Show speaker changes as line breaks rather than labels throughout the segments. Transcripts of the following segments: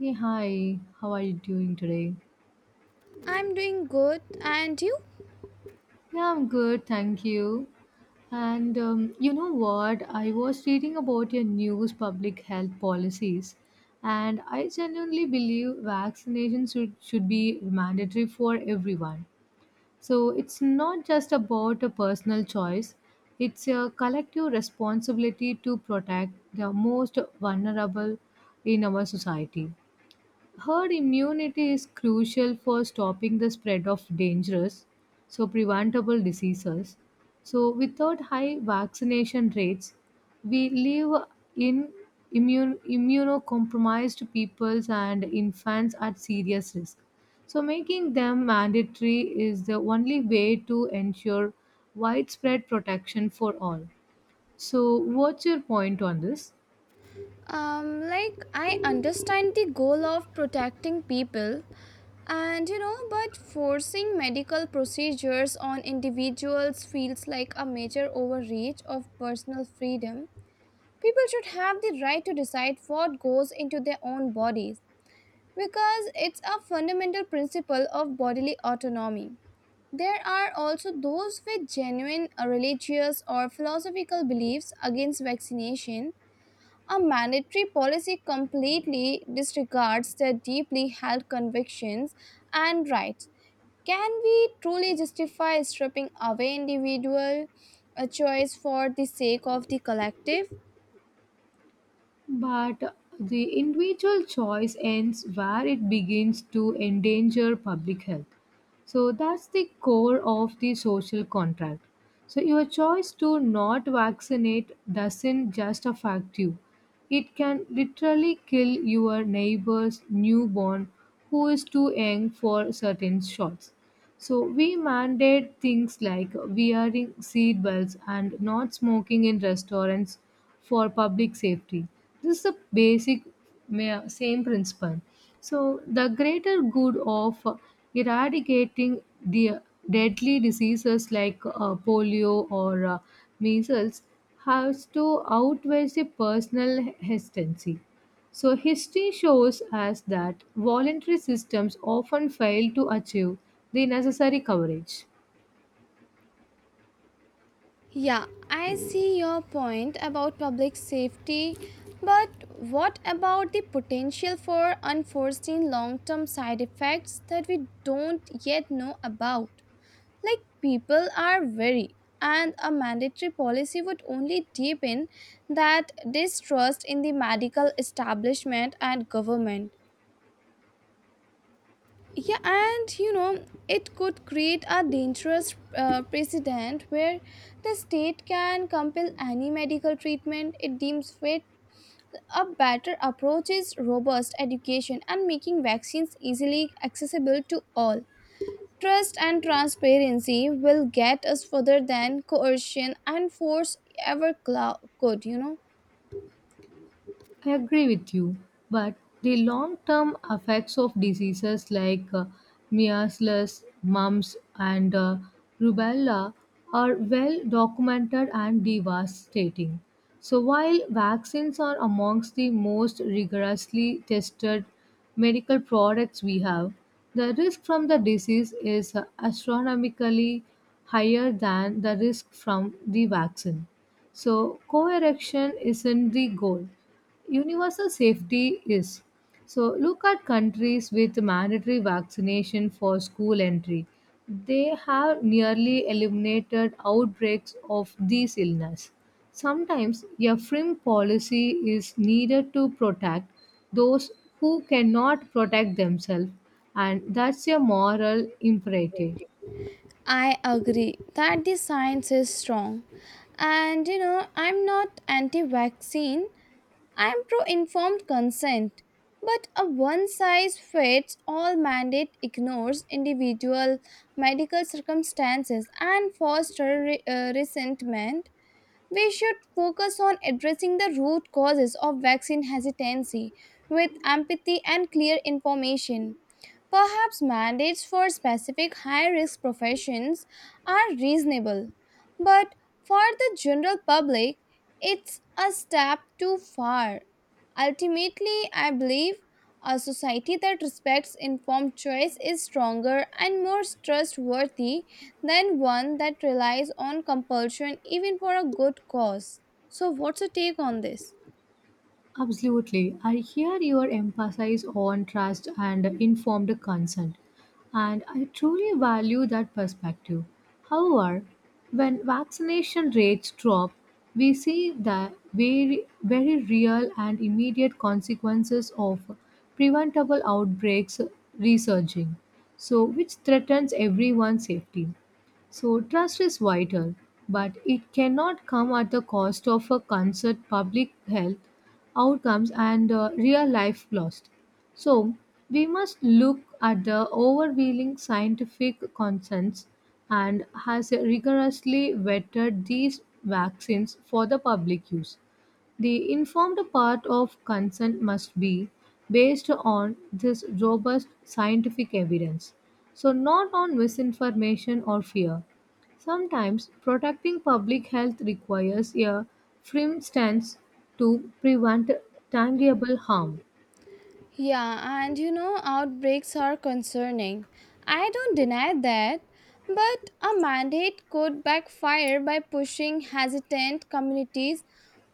Hey, hi. How are you doing today?
I'm doing good, and you?
Yeah, I'm good, thank you. And you know what? I was reading about your news public health policies, and I genuinely believe vaccination should be mandatory for everyone. So it's not just about a personal choice, it's a collective responsibility to protect the most vulnerable in our society. Herd immunity is crucial for stopping the spread of dangerous, so preventable diseases. So, without high vaccination rates, we live in immunocompromised peoples and infants at serious risk. So, making them mandatory is the only way to ensure widespread protection for all. So, what's your point on this?
Like, I understand the goal of protecting people, and but forcing medical procedures on individuals feels like a major overreach of personal freedom. People should have the right to decide what goes into their own bodies because it's a fundamental principle of bodily autonomy. There are also those with genuine religious or philosophical beliefs against vaccination. A mandatory policy completely disregards their deeply held convictions and rights. Can we truly justify stripping away individual choice for the sake of the collective?
But the individual choice ends where it begins to endanger public health. So that's the core of the social contract. So your choice to not vaccinate doesn't just affect you. It can literally kill your neighbor's newborn who is too young for certain shots. So we mandate things like wearing seatbelts and not smoking in restaurants for public safety. This is the same principle. So the greater good of eradicating the deadly diseases like polio or measles has to outweigh the personal hesitancy. So, history shows us that voluntary systems often fail to achieve the necessary coverage.
Yeah, I see your point about public safety, but what about the potential for unforeseen long term side effects that we don't yet know about? Like, people are wary, and a mandatory policy would only deepen that distrust in the medical establishment and government. Yeah, and it could create a dangerous precedent where the state can compel any medical treatment it deems fit. A better approach is robust education and making vaccines easily accessible to all. Trust and transparency will get us further than coercion and force ever could.
I agree with you, but the long term effects of diseases like measles, mumps, and rubella are well documented and devastating. So, while vaccines are amongst the most rigorously tested medical products we have, the risk from the disease is astronomically higher than the risk from the vaccine. So, co erection isn't the goal universal safety is. So, look at countries with mandatory vaccination for school entry. They have nearly eliminated outbreaks of these illness. Sometimes a firm policy is needed to protect those who cannot protect themselves, and that's a moral imperative.
I agree that the science is strong. And I'm not anti vaccine, I'm pro informed consent. But a one size fits all mandate ignores individual medical circumstances and fosters resentment. We should focus on addressing the root causes of vaccine hesitancy with empathy and clear information. Perhaps mandates for specific high risk professions are reasonable, but for the general public, it's a step too far. Ultimately, I believe a society that respects informed choice is stronger and more trustworthy than one that relies on compulsion even for a good cause. So, what's your take on this?
Absolutely. I hear your emphasis on trust and informed consent, and I truly value that perspective. However, when vaccination rates drop, we see the very, very real and immediate consequences of preventable outbreaks resurging, so which threatens everyone's safety. So, trust is vital, but it cannot come at the cost of a concert public health outcomes and real life lost. So, we must look at the overwhelming scientific consensus and has rigorously vetted these vaccines for the public use. The informed part of consent must be based on this robust scientific evidence, so not on misinformation or fear. Sometimes protecting public health requires a firm stance to prevent tangible harm.
Yeah, and outbreaks are concerning. I don't deny that. But a mandate could backfire by pushing hesitant communities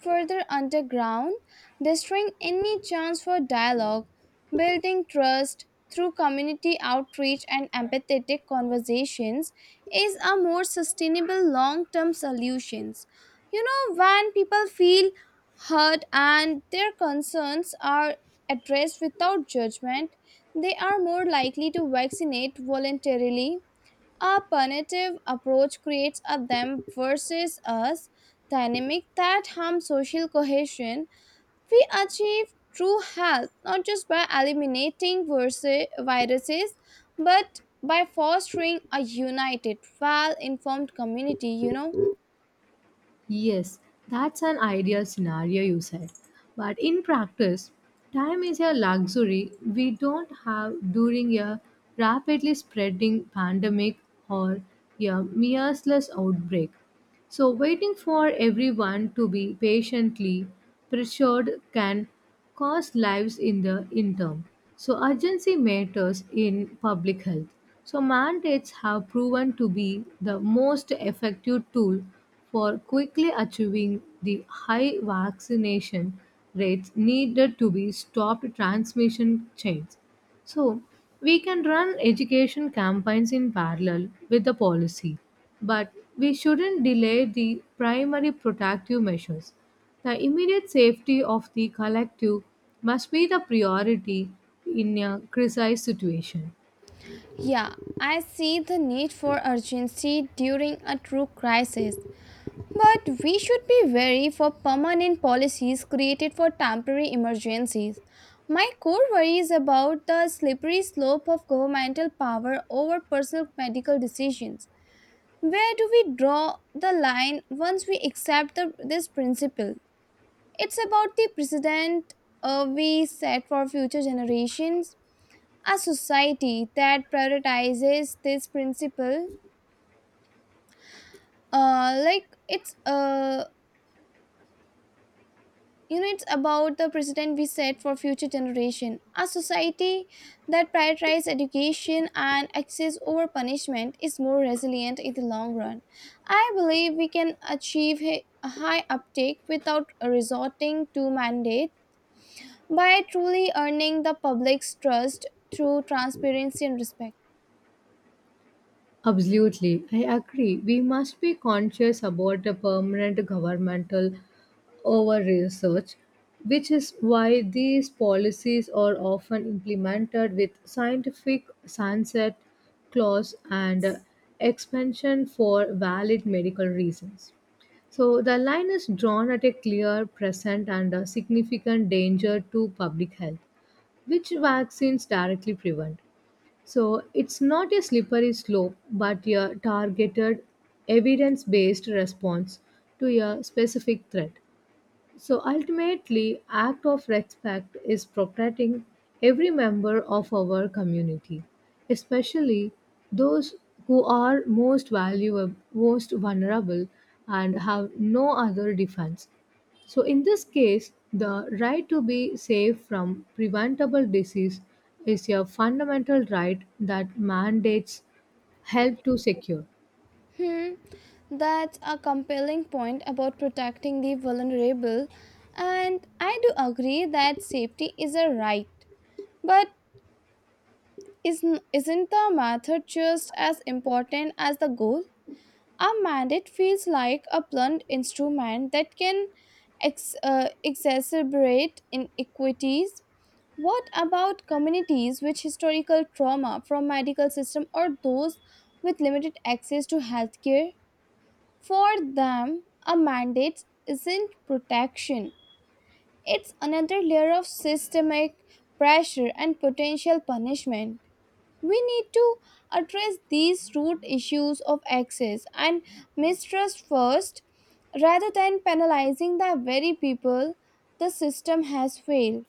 further underground, destroying any chance for dialogue. Building trust through community outreach and empathetic conversations is a more sustainable long-term solution. You know when people feel heard and their concerns are addressed without judgment, they are more likely to vaccinate voluntarily. A punitive approach creates a them versus us dynamic that harms social cohesion. We achieve true health not just by eliminating versus viruses but by fostering a united, well informed community.
Yes, that's an ideal scenario you said. But in practice, time is a luxury we don't have during a rapidly spreading pandemic or a merciless outbreak. So, waiting for everyone to be patiently pressured can cost lives in the interim. So, urgency matters in public health. So, mandates have proven to be the most effective tool for quickly achieving the high vaccination rates needed to be stopped transmission chains. So, we can run education campaigns in parallel with the policy, but we shouldn't delay the primary protective measures. The immediate safety of the collective must be the priority in a crisis situation.
Yeah, I see the need for urgency during a true crisis, but we should be wary for permanent policies created for temporary emergencies. My core worry is about the slippery slope of governmental power over personal medical decisions. Where do we draw the line once we accept this principle? It's about the precedent we set for future generations. A society that prioritizes this principle, like it's it's about the precedent we set for future generation, a society that prioritizes education and access over punishment is more resilient in the long run. I believe we can achieve a high uptake without resorting to mandate by truly earning the public's trust through transparency and respect.
Absolutely, I agree. We must be conscious about the permanent governmental over research, which is why these policies are often implemented with scientific sunset clause and expansion for valid medical reasons. So the line is drawn at a clear, present, and a significant danger to public health, which vaccines directly prevent. So it's not a slippery slope, but a targeted, evidence based response to a specific threat. So ultimately, act of respect is protecting every member of our community, especially those who are most valuable, most vulnerable, and have no other defense. So in this case, the right to be safe from preventable disease is a fundamental right that mandates help to secure.
Hmm. That's a compelling point about protecting the vulnerable, and I do agree that safety is a right. But isn't the method just as important as the goal? A mandate feels like a blunt instrument that can exacerbate inequities. What about communities with historical trauma from medical system or those with limited access to healthcare? For them, a mandate isn't protection, it's another layer of systemic pressure and potential punishment. We need to address these root issues of access and mistrust first rather than penalizing the very people the system has failed.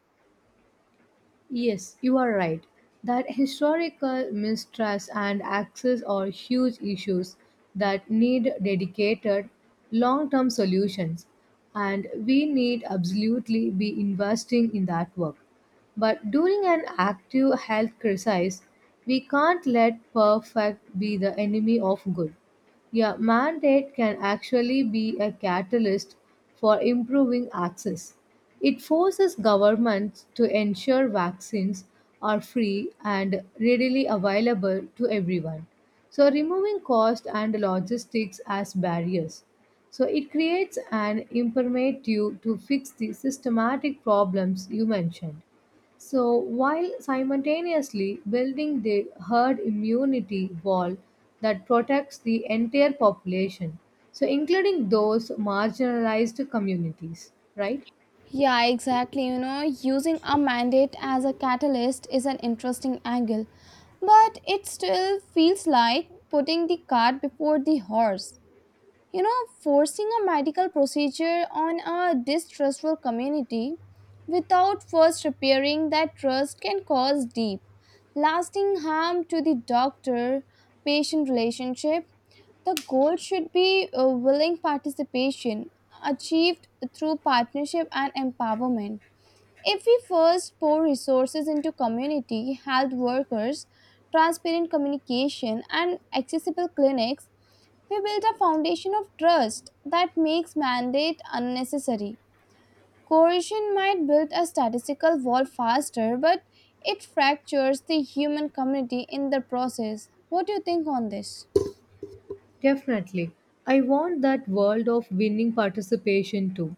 Yes, you are right. That historical mistrust and access are huge issues that need dedicated long term solutions, and we need absolutely be investing in that work. But during an active health crisis, we can't let perfect be the enemy of good. Yeah, mandate can actually be a catalyst for improving access. It forces governments to ensure vaccines are free and readily available to everyone. So, removing cost and logistics as barriers. So, it creates an imprimatur to fix the systematic problems you mentioned. So, while simultaneously building the herd immunity wall that protects the entire population, so including those marginalized communities, right?
Yeah, exactly. You know, using a mandate as a catalyst is an interesting angle, but it still feels like putting the cart before the horse. You know, forcing a medical procedure on a distrustful community without first repairing that trust can cause deep, lasting harm to the doctor patient relationship. The goal should be a willing participation achieved through partnership and empowerment. If we first pour resources into community health workers, transparent communication, and accessible clinics, we build a foundation of trust that makes mandate unnecessary. Coercion might build a statistical wall faster, but it fractures the human community in the process. What do you think on this?
Definitely. I want that world of winning participation too.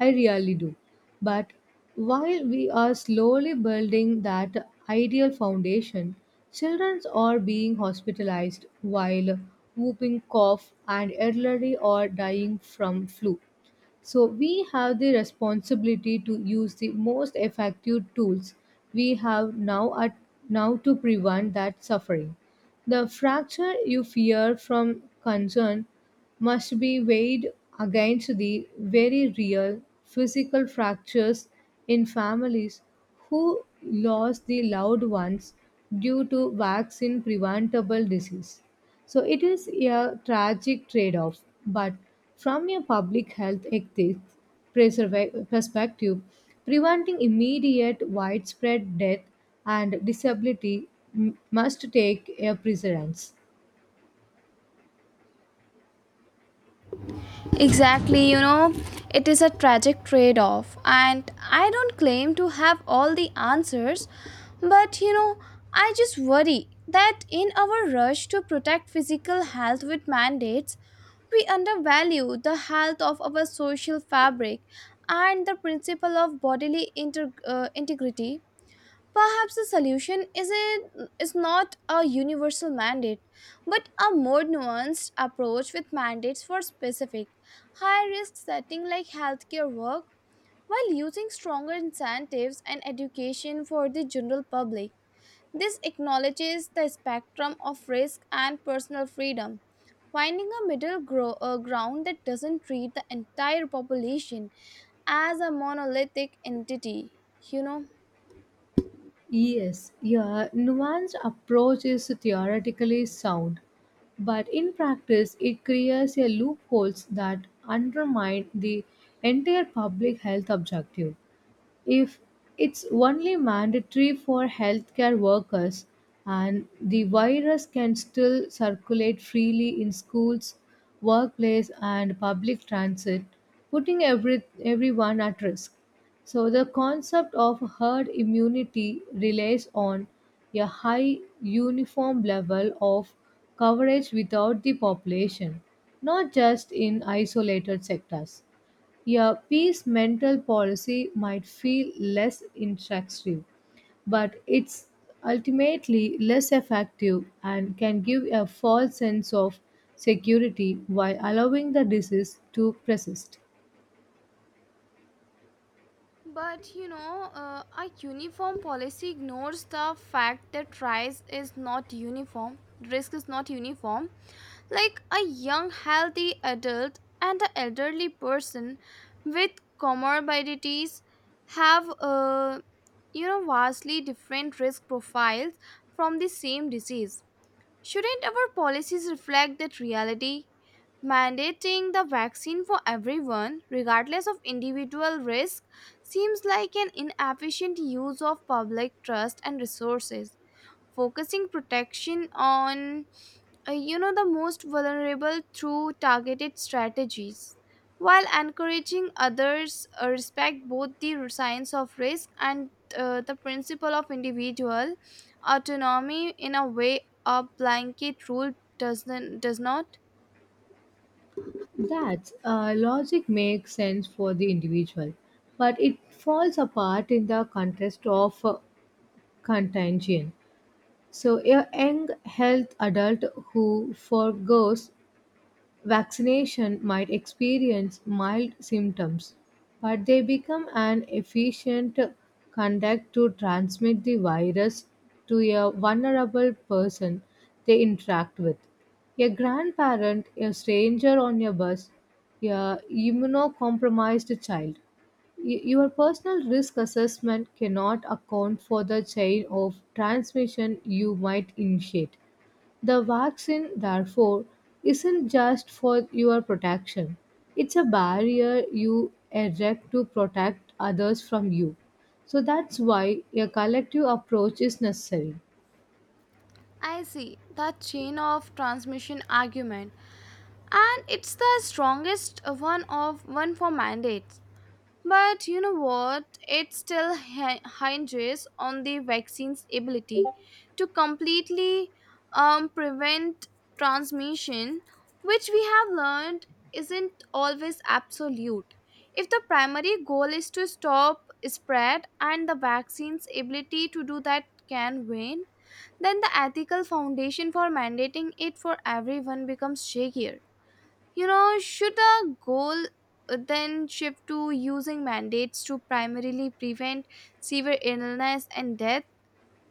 I really do. But while we are slowly building that ideal foundation, children are being hospitalized while whooping cough and elderly are dying from flu. So we have the responsibility to use the most effective tools we have now to prevent that suffering. The fracture you fear from concern must be weighed against the very real physical fractures in families who lost the loved ones due to vaccine preventable disease. So it is a tragic trade off, but from a public health ethics perspective, preventing immediate widespread death and disability must take a precedence.
Exactly. It is a tragic trade off, and I don't claim to have all the answers, but I just worry that in our rush to protect physical health with mandates, we undervalue the health of our social fabric and the principle of bodily integrity. Perhaps the solution is, a, is not a universal mandate, but a more nuanced approach with mandates for specific, high risk setting like healthcare work, while using stronger incentives and education for the general public. This acknowledges the spectrum of risk and personal freedom, finding a middle ground that doesn't treat the entire population as a monolithic entity, you know.
Yes, your nuanced approach is theoretically sound, but in practice, it creates a loopholes that undermine the entire public health objective. If it's only mandatory for healthcare workers and the virus can still circulate freely in schools workplace and public transit putting everyone at risk, so the concept of herd immunity relies on a high uniform level of coverage without the population not just in isolated sectors. A peace mental policy might feel less intrusive, but it's ultimately less effective and can give a false sense of security while allowing the disease to persist.
But a uniform policy ignores the fact that price is not uniform, risk is not uniform. Like a young, healthy adult and an elderly person with comorbidities have, vastly different risk profiles from the same disease. Shouldn't our policies reflect that reality? Mandating the vaccine for everyone, regardless of individual risk, seems like an inefficient use of public trust and resources focusing protection on the most vulnerable through targeted strategies while encouraging others respect both the science of risk and the principle of individual autonomy in a way a blanket rule does not.
That logic makes sense for the individual, but it falls apart in the context of contagion. So, a young health adult who forgoes vaccination might experience mild symptoms, but they become an efficient conduct to transmit the virus to a vulnerable person they interact with. A grandparent, a stranger on a bus, a immunocompromised child. Your personal risk assessment cannot account for the chain of transmission you might initiate. The vaccine, therefore, isn't just for your protection, it's a barrier you erect to protect others from you. So that's why a collective approach is necessary.
I see that chain of transmission argument, and it's the strongest one of one for mandates. But you know what? It still hinges on the vaccine's ability to completely prevent transmission, which we have learned isn't always absolute. If the primary goal is to stop spread and the vaccine's ability to do that can wane, then the ethical foundation for mandating it for everyone becomes shakier. You know, should a goal then shift to using mandates to primarily prevent severe illness and death,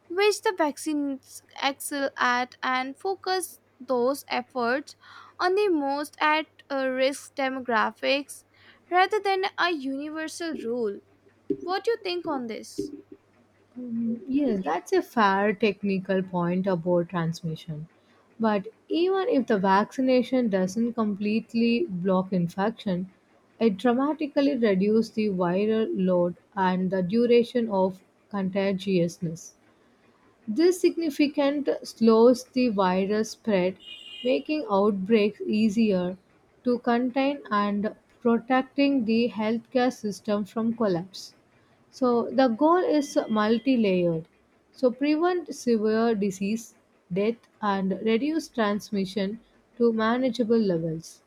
which the vaccines excel at, and focus those efforts on the most at risk demographics rather than a universal rule? What do you think on this?
Mm, yes, that's a fair technical point about transmission. But even if the vaccination doesn't completely block infection, it dramatically reduces the viral load and the duration of contagiousness. This significant slows the virus spread, making outbreaks easier to contain and protecting the healthcare system from collapse. So the goal is multi-layered. So prevent severe disease, death and reduce transmission to manageable levels.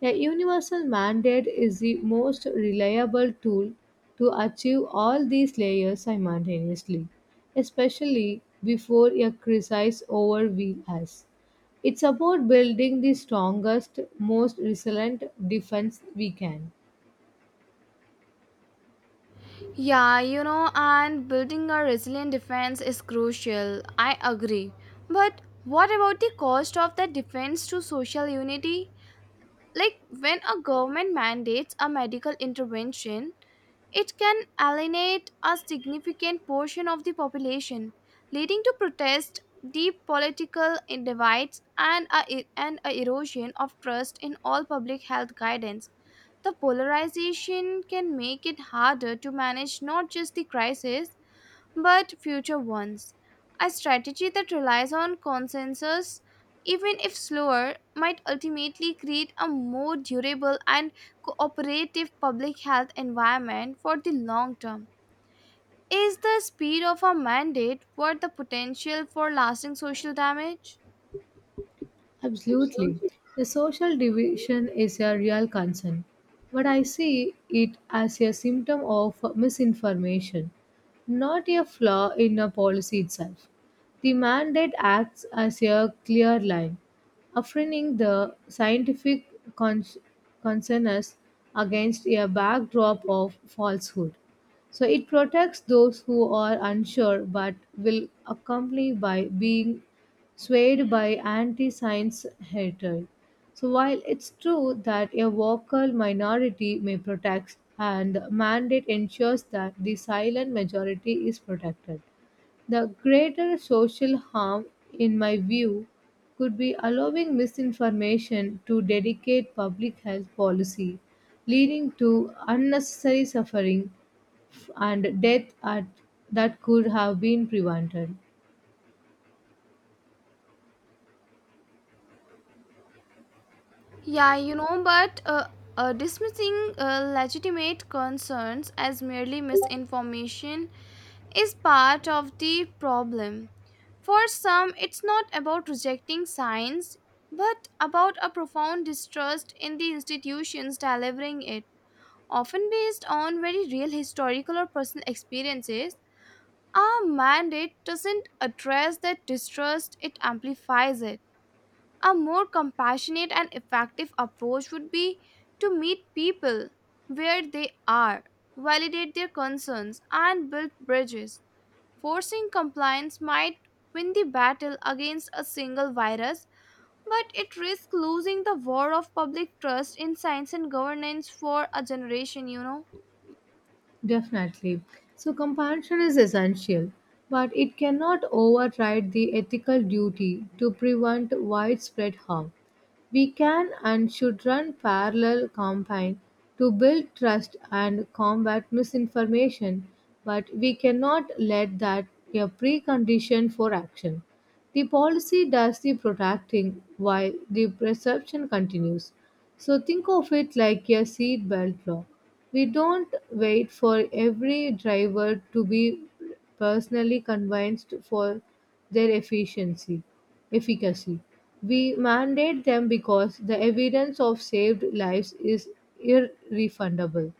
A universal mandate is the most reliable tool to achieve all these layers simultaneously, especially before a crisis overwhelms us. It's about building the strongest, most resilient defense we can.
Yeah, and building a resilient defense is crucial. I agree. But what about the cost of the defense to social unity? Like, when a government mandates a medical intervention, it can alienate a significant portion of the population, leading to protest, deep political divides, and a erosion of trust in all public health guidance. The polarization can make it harder to manage not just the crisis but future ones. A strategy that relies on consensus, even if slower, might ultimately create a more durable and cooperative public health environment for the long term. Is the speed of a mandate worth the potential for lasting social damage?
Absolutely. The social division is a real concern, but I see it as a symptom of misinformation, not a flaw in a policy itself. The mandate acts as a clear line, affirming the scientific cons- consensus against a backdrop of falsehood. So it protects those who are unsure but will accompany by being swayed by anti science hatred. So, while it's true that a vocal minority may protect, and the mandate ensures that the silent majority is protected, the greater social harm, in my view, could be allowing misinformation to dedicate public health policy, leading to unnecessary suffering and death at, that could have been prevented.
Yeah, you know, but dismissing legitimate concerns as merely misinformation is part of the problem. For some, it's not about rejecting science, but about a profound distrust in the institutions delivering it. Often based on very real historical or personal experiences, our mandate doesn't address that distrust, it amplifies it. A more compassionate and effective approach would be to meet people where they are, validate their concerns, and build bridges. Forcing compliance might win the battle against a single virus, but it risks losing the war of public trust in science and governance for a generation.
Definitely. So, compassion is essential, but it cannot override the ethical duty to prevent widespread harm. We can and should run parallel campaigns to build trust and combat misinformation, but we cannot let that be a precondition for action. The policy does the protecting while the perception continues. So think of it like a seatbelt law. We don't wait for every driver to be personally convinced for their efficacy. We mandate them because the evidence of saved lives is irrefundable.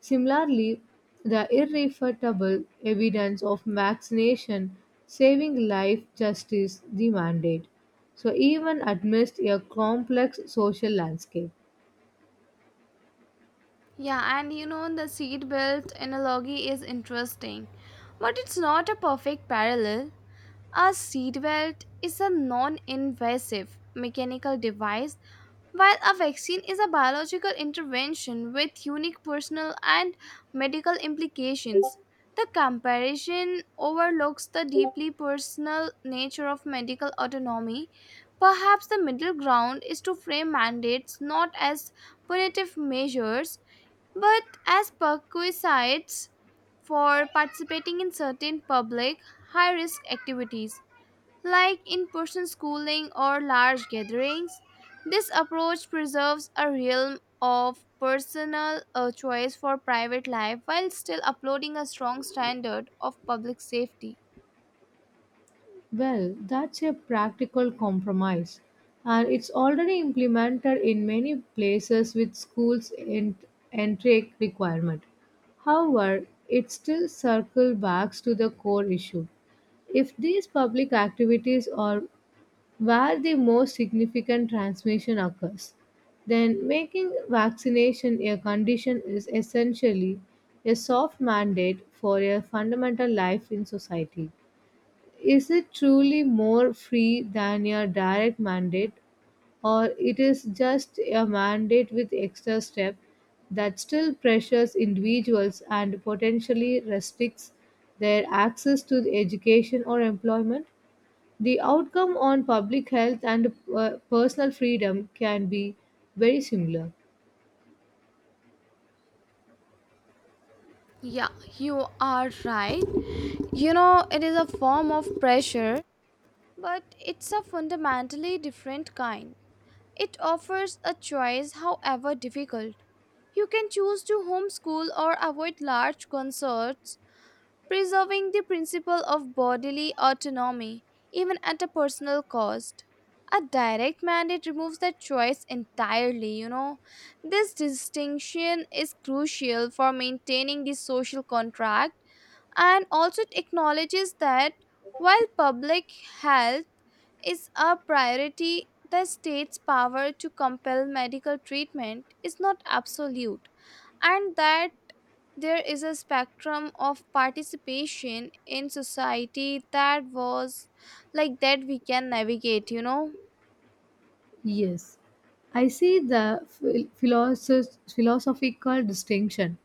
Similarly, the irrefutable evidence of vaccination saving life justice the mandate. So even amidst a complex social landscape.
Yeah, and the seatbelt analogy is interesting, but it's not a perfect parallel. A seatbelt is a non invasive mechanical device. While a vaccine is a biological intervention with unique personal and medical implications, the comparison overlooks the deeply personal nature of medical autonomy. Perhaps the middle ground is to frame mandates not as punitive measures but as perquisites for participating in certain public high risk activities like in person schooling or large gatherings. This approach preserves a realm of personal choice for private life while still upholding a strong standard of public safety.
Well, that's a practical compromise, and it's already implemented in many places with schools' entry requirement. However, it still circles back to the core issue. If these public activities are where the most significant transmission occurs, then making vaccination a condition is essentially a soft mandate for a fundamental life in society. Is it truly more free than a direct mandate, or it is just a mandate with extra step that still pressures individuals and potentially restricts their access to education or employment? The outcome on public health and personal freedom can be very similar.
Yeah, you are right. You know, it is a form of pressure, but it's a fundamentally different kind. It offers a choice, however difficult. You can choose to homeschool or avoid large concerts, preserving the principle of bodily autonomy, even at a personal cost, A direct mandate removes that choice entirely, you know. This distinction is crucial for maintaining the social contract, and also it acknowledges that while public health is a priority, the state's power to compel medical treatment is not absolute, and that there is a spectrum of participation in society that was like that we can navigate.
Yes, I see the philosophical distinction.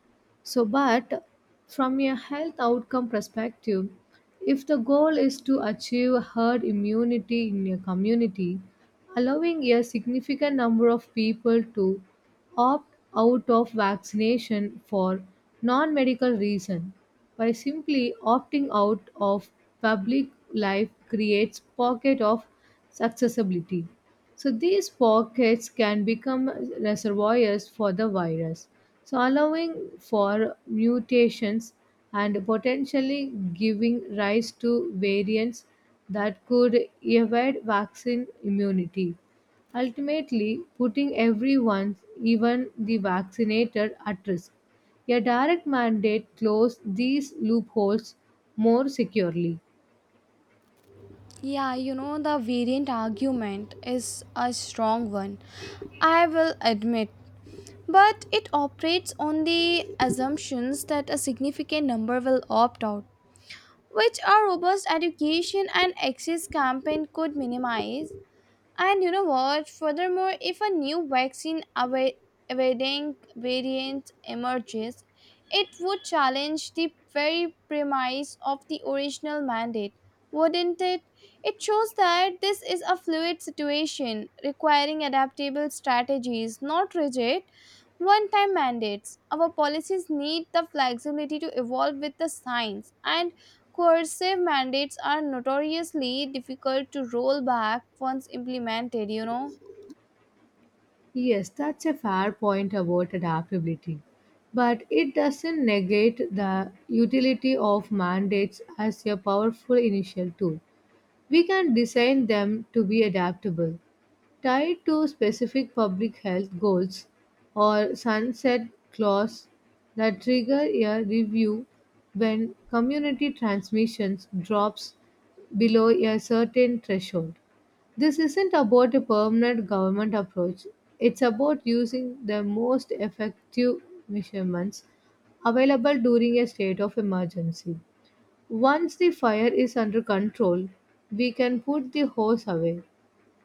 So, but from a health outcome perspective, if the goal is to achieve herd immunity in a community, allowing a significant number of people to opt out of vaccination for non medical reason by simply opting out of public life creates pocket of accessibility so these pockets can become reservoirs for the virus, so allowing for mutations and potentially giving rise to variants that could evade vaccine immunity. Ultimately, putting everyone, even the vaccinated, at risk. A direct mandate closes these loopholes more securely.
Yeah, the variant argument is a strong one. I will admit. But it operates on the assumptions that a significant number will opt out, which a robust education and access campaign could minimize. And you know what? Furthermore, if a new evading variant emerges, it would challenge the very premise of the original mandate, wouldn't it? It shows that this is a fluid situation requiring adaptable strategies, not rigid one time mandates. Our policies need the flexibility to evolve with the science, and coercive mandates are notoriously difficult to roll back once implemented.
Yes, that's a fair point about adaptability. But it doesn't negate the utility of mandates as a powerful initial tool. We can design them to be adaptable, tied to specific public health goals or sunset clause that trigger a review when community transmissions drops below a certain threshold. This isn't about a permanent government approach. It's about using the most effective measurements available during a state of emergency. Once the fire is under control, we can put the hose away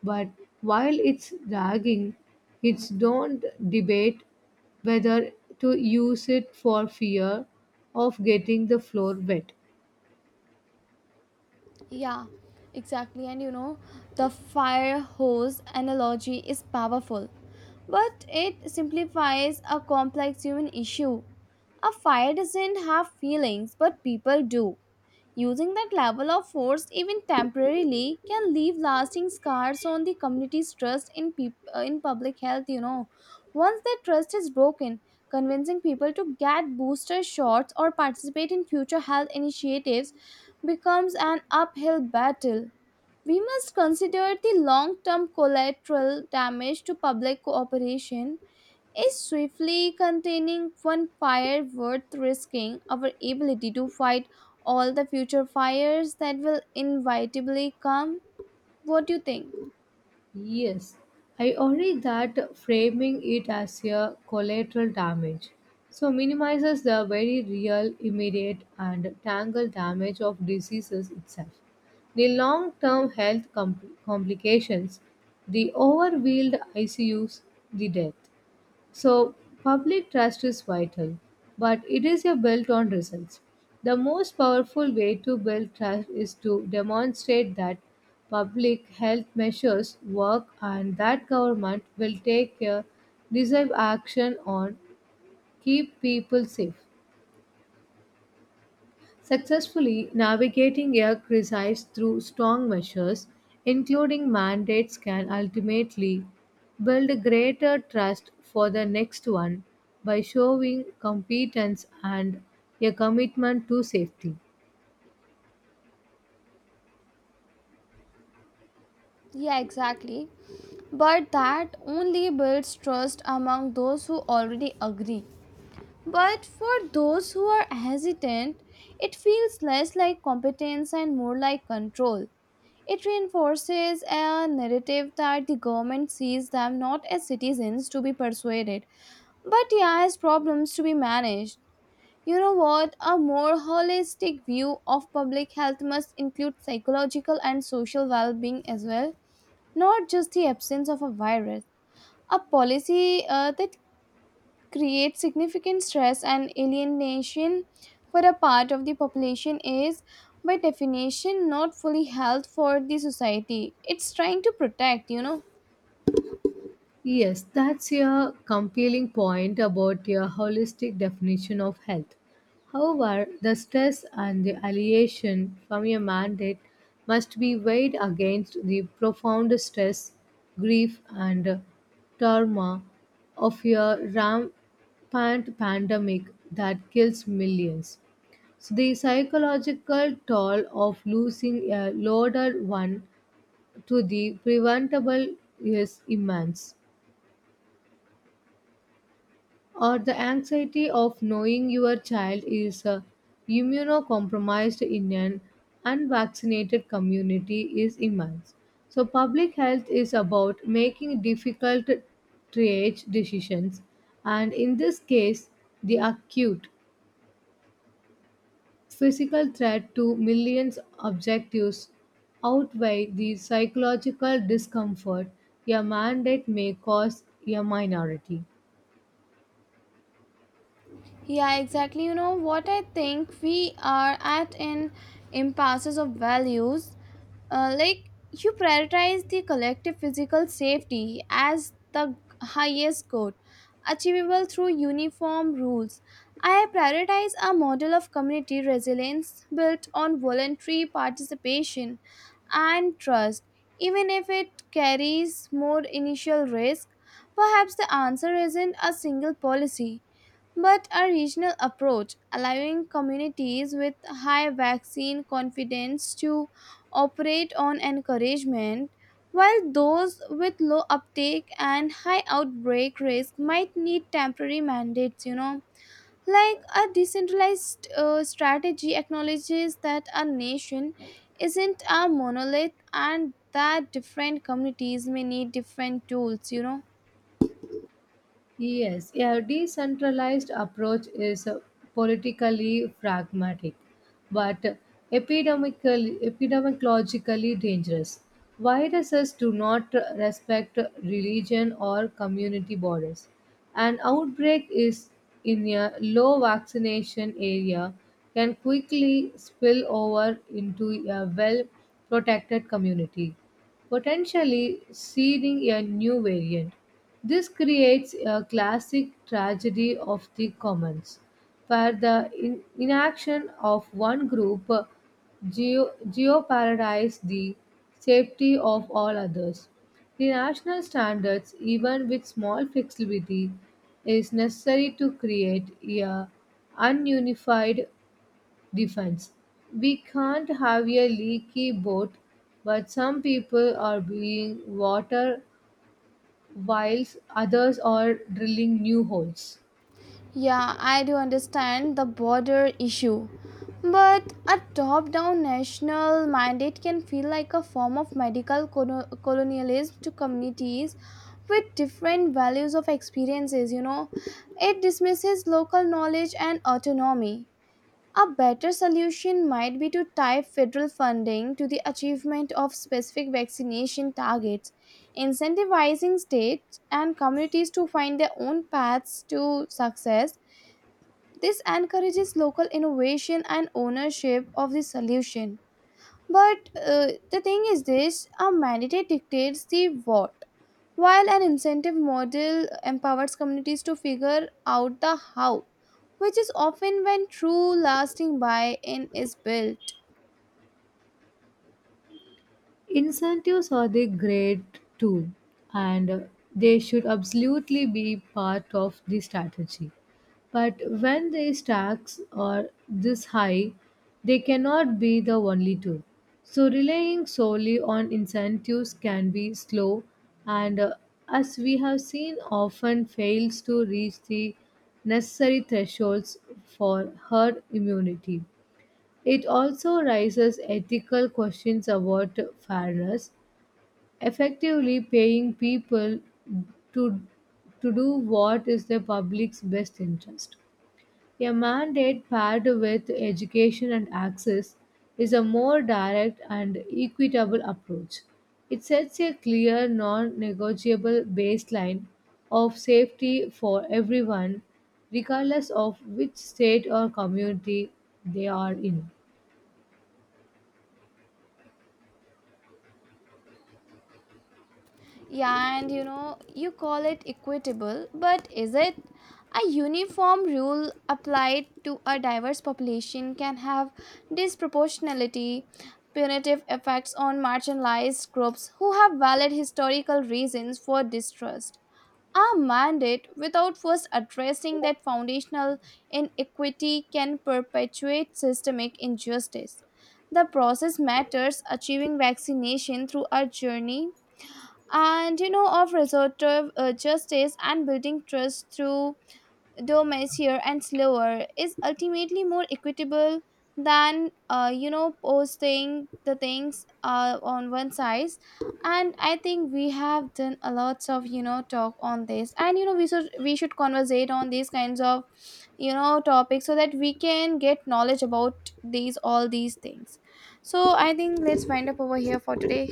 but while it's dragging, it's don't debate whether to use it for fear of getting the floor wet.
Yeah, exactly. The fire hose analogy is powerful, but it simplifies a complex human issue. A fire doesn't have feelings, but people do. Using that level of force, even temporarily, can leave lasting scars on the community's trust in in public health. Once that trust is broken, convincing people to get booster shots or participate in future health initiatives becomes an uphill battle. We must consider the long term collateral damage to public cooperation. Is swiftly containing one fire worth risking our ability to fight all the future fires that will inevitably come? What do you think?
Yes, I agree that framing it as a collateral damage so minimizes the very real, immediate, and tangle damage of diseases itself. The long term health complications, the overwhelmed ICUs, the death. So, public trust is vital, but it is a built on results. The most powerful way to build trust is to demonstrate that public health measures work and that government will take a decisive action on keep people safe. Successfully navigating a crisis through strong measures, including mandates, can ultimately build greater trust for the next one by showing competence and a commitment to safety.
Yeah, exactly. But that only builds trust among those who already agree. But for those who are hesitant, it feels less like competence and more like control. It reinforces a narrative that the government sees them not as citizens to be persuaded, but yeah, as problems to be managed. You know what? A more holistic view of public health must include psychological and social well being as well, not just the absence of a virus. A policy that create significant stress and alienation for a part of the population is by definition not fully health for the society it's trying to protect.
Yes, that's a compelling point about your holistic definition of health. However, the stress and the alleviation from your mandate must be weighed against the profound stress, grief, and trauma of your rampant pandemic that kills millions. So, the psychological toll of losing a loaded one to the preventable is immense. Or the anxiety of knowing your child is immunocompromised in an unvaccinated community is immense. So, public health is about making difficult triage decisions, and in this case, the acute physical threat to millions objectives outweigh the psychological discomfort a mandate may cause a minority.
Yeah, exactly. You know what? I think we are at an impasses of values. Like you prioritize the collective physical safety as the highest good, achievable through uniform rules. I prioritize a model of community resilience built on voluntary participation and trust, even if it carries more initial risk. Perhaps the answer isn't a single policy but a regional approach, allowing communities with high vaccine confidence to operate on encouragement, while those with low uptake and high outbreak risk might need temporary mandates. Like a decentralized strategy acknowledges that a nation isn't a monolith and that different communities may need different tools.
Yes, a decentralized approach is politically pragmatic, but epidemiologically dangerous. Viruses do not respect religion or community borders. An outbreak is in a low vaccination area can quickly spill over into a well protected community potentially seeding a new variant. This creates a classic tragedy of the commons, where the inaction of one group geoparadises the safety of all others. The national standards, even with small flexibility, is necessary to create a ununified defense. We can't have a leaky boat, but some people are being water whilst others are drilling new holes.
Yeah, I do understand the border issue. But a top down national mandate can feel like a form of medical colonialism to communities with different values of experiences. It dismisses local knowledge and autonomy. A better solution might be to tie federal funding to the achievement of specific vaccination targets, incentivizing states and communities to find their own paths to success. This encourages local innovation and ownership of the solution. But the thing is this: a mandate dictates the what, while an incentive model empowers communities to figure out the how, which is often when true lasting buy in is built.
Incentives are the great tool and they should absolutely be part of the strategy. But when the stacks are this high, they cannot be the only tool. So relying solely on incentives can be slow and as we have seen often fails to reach the necessary thresholds for herd immunity. It also raises ethical questions about fairness, effectively paying people to, to do what is the public's best interest. A mandate paired with education and access is a more direct and equitable approach. It sets a clear, non negotiable baseline of safety for everyone, regardless of which state or community they are in.
Yeah, and you know, you call it equitable, but is it? A uniform rule applied to a diverse population can have disproportionality, punitive effects on marginalized groups who have valid historical reasons for distrust. A mandate without first addressing that foundational inequity can perpetuate systemic injustice. The process matters. Achieving vaccination through a journey and you know of restorative justice and building trust through though messier and slower is ultimately more equitable than posting the things on one side, and I think we have done a lots of talk on this, and we should conversate on these kinds of topics so that we can get knowledge about these all these things. So I think let's wind up over here for today.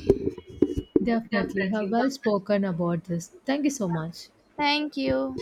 Definitely, you have
Definitely,
well spoken about this. Thank you so much.
thank you.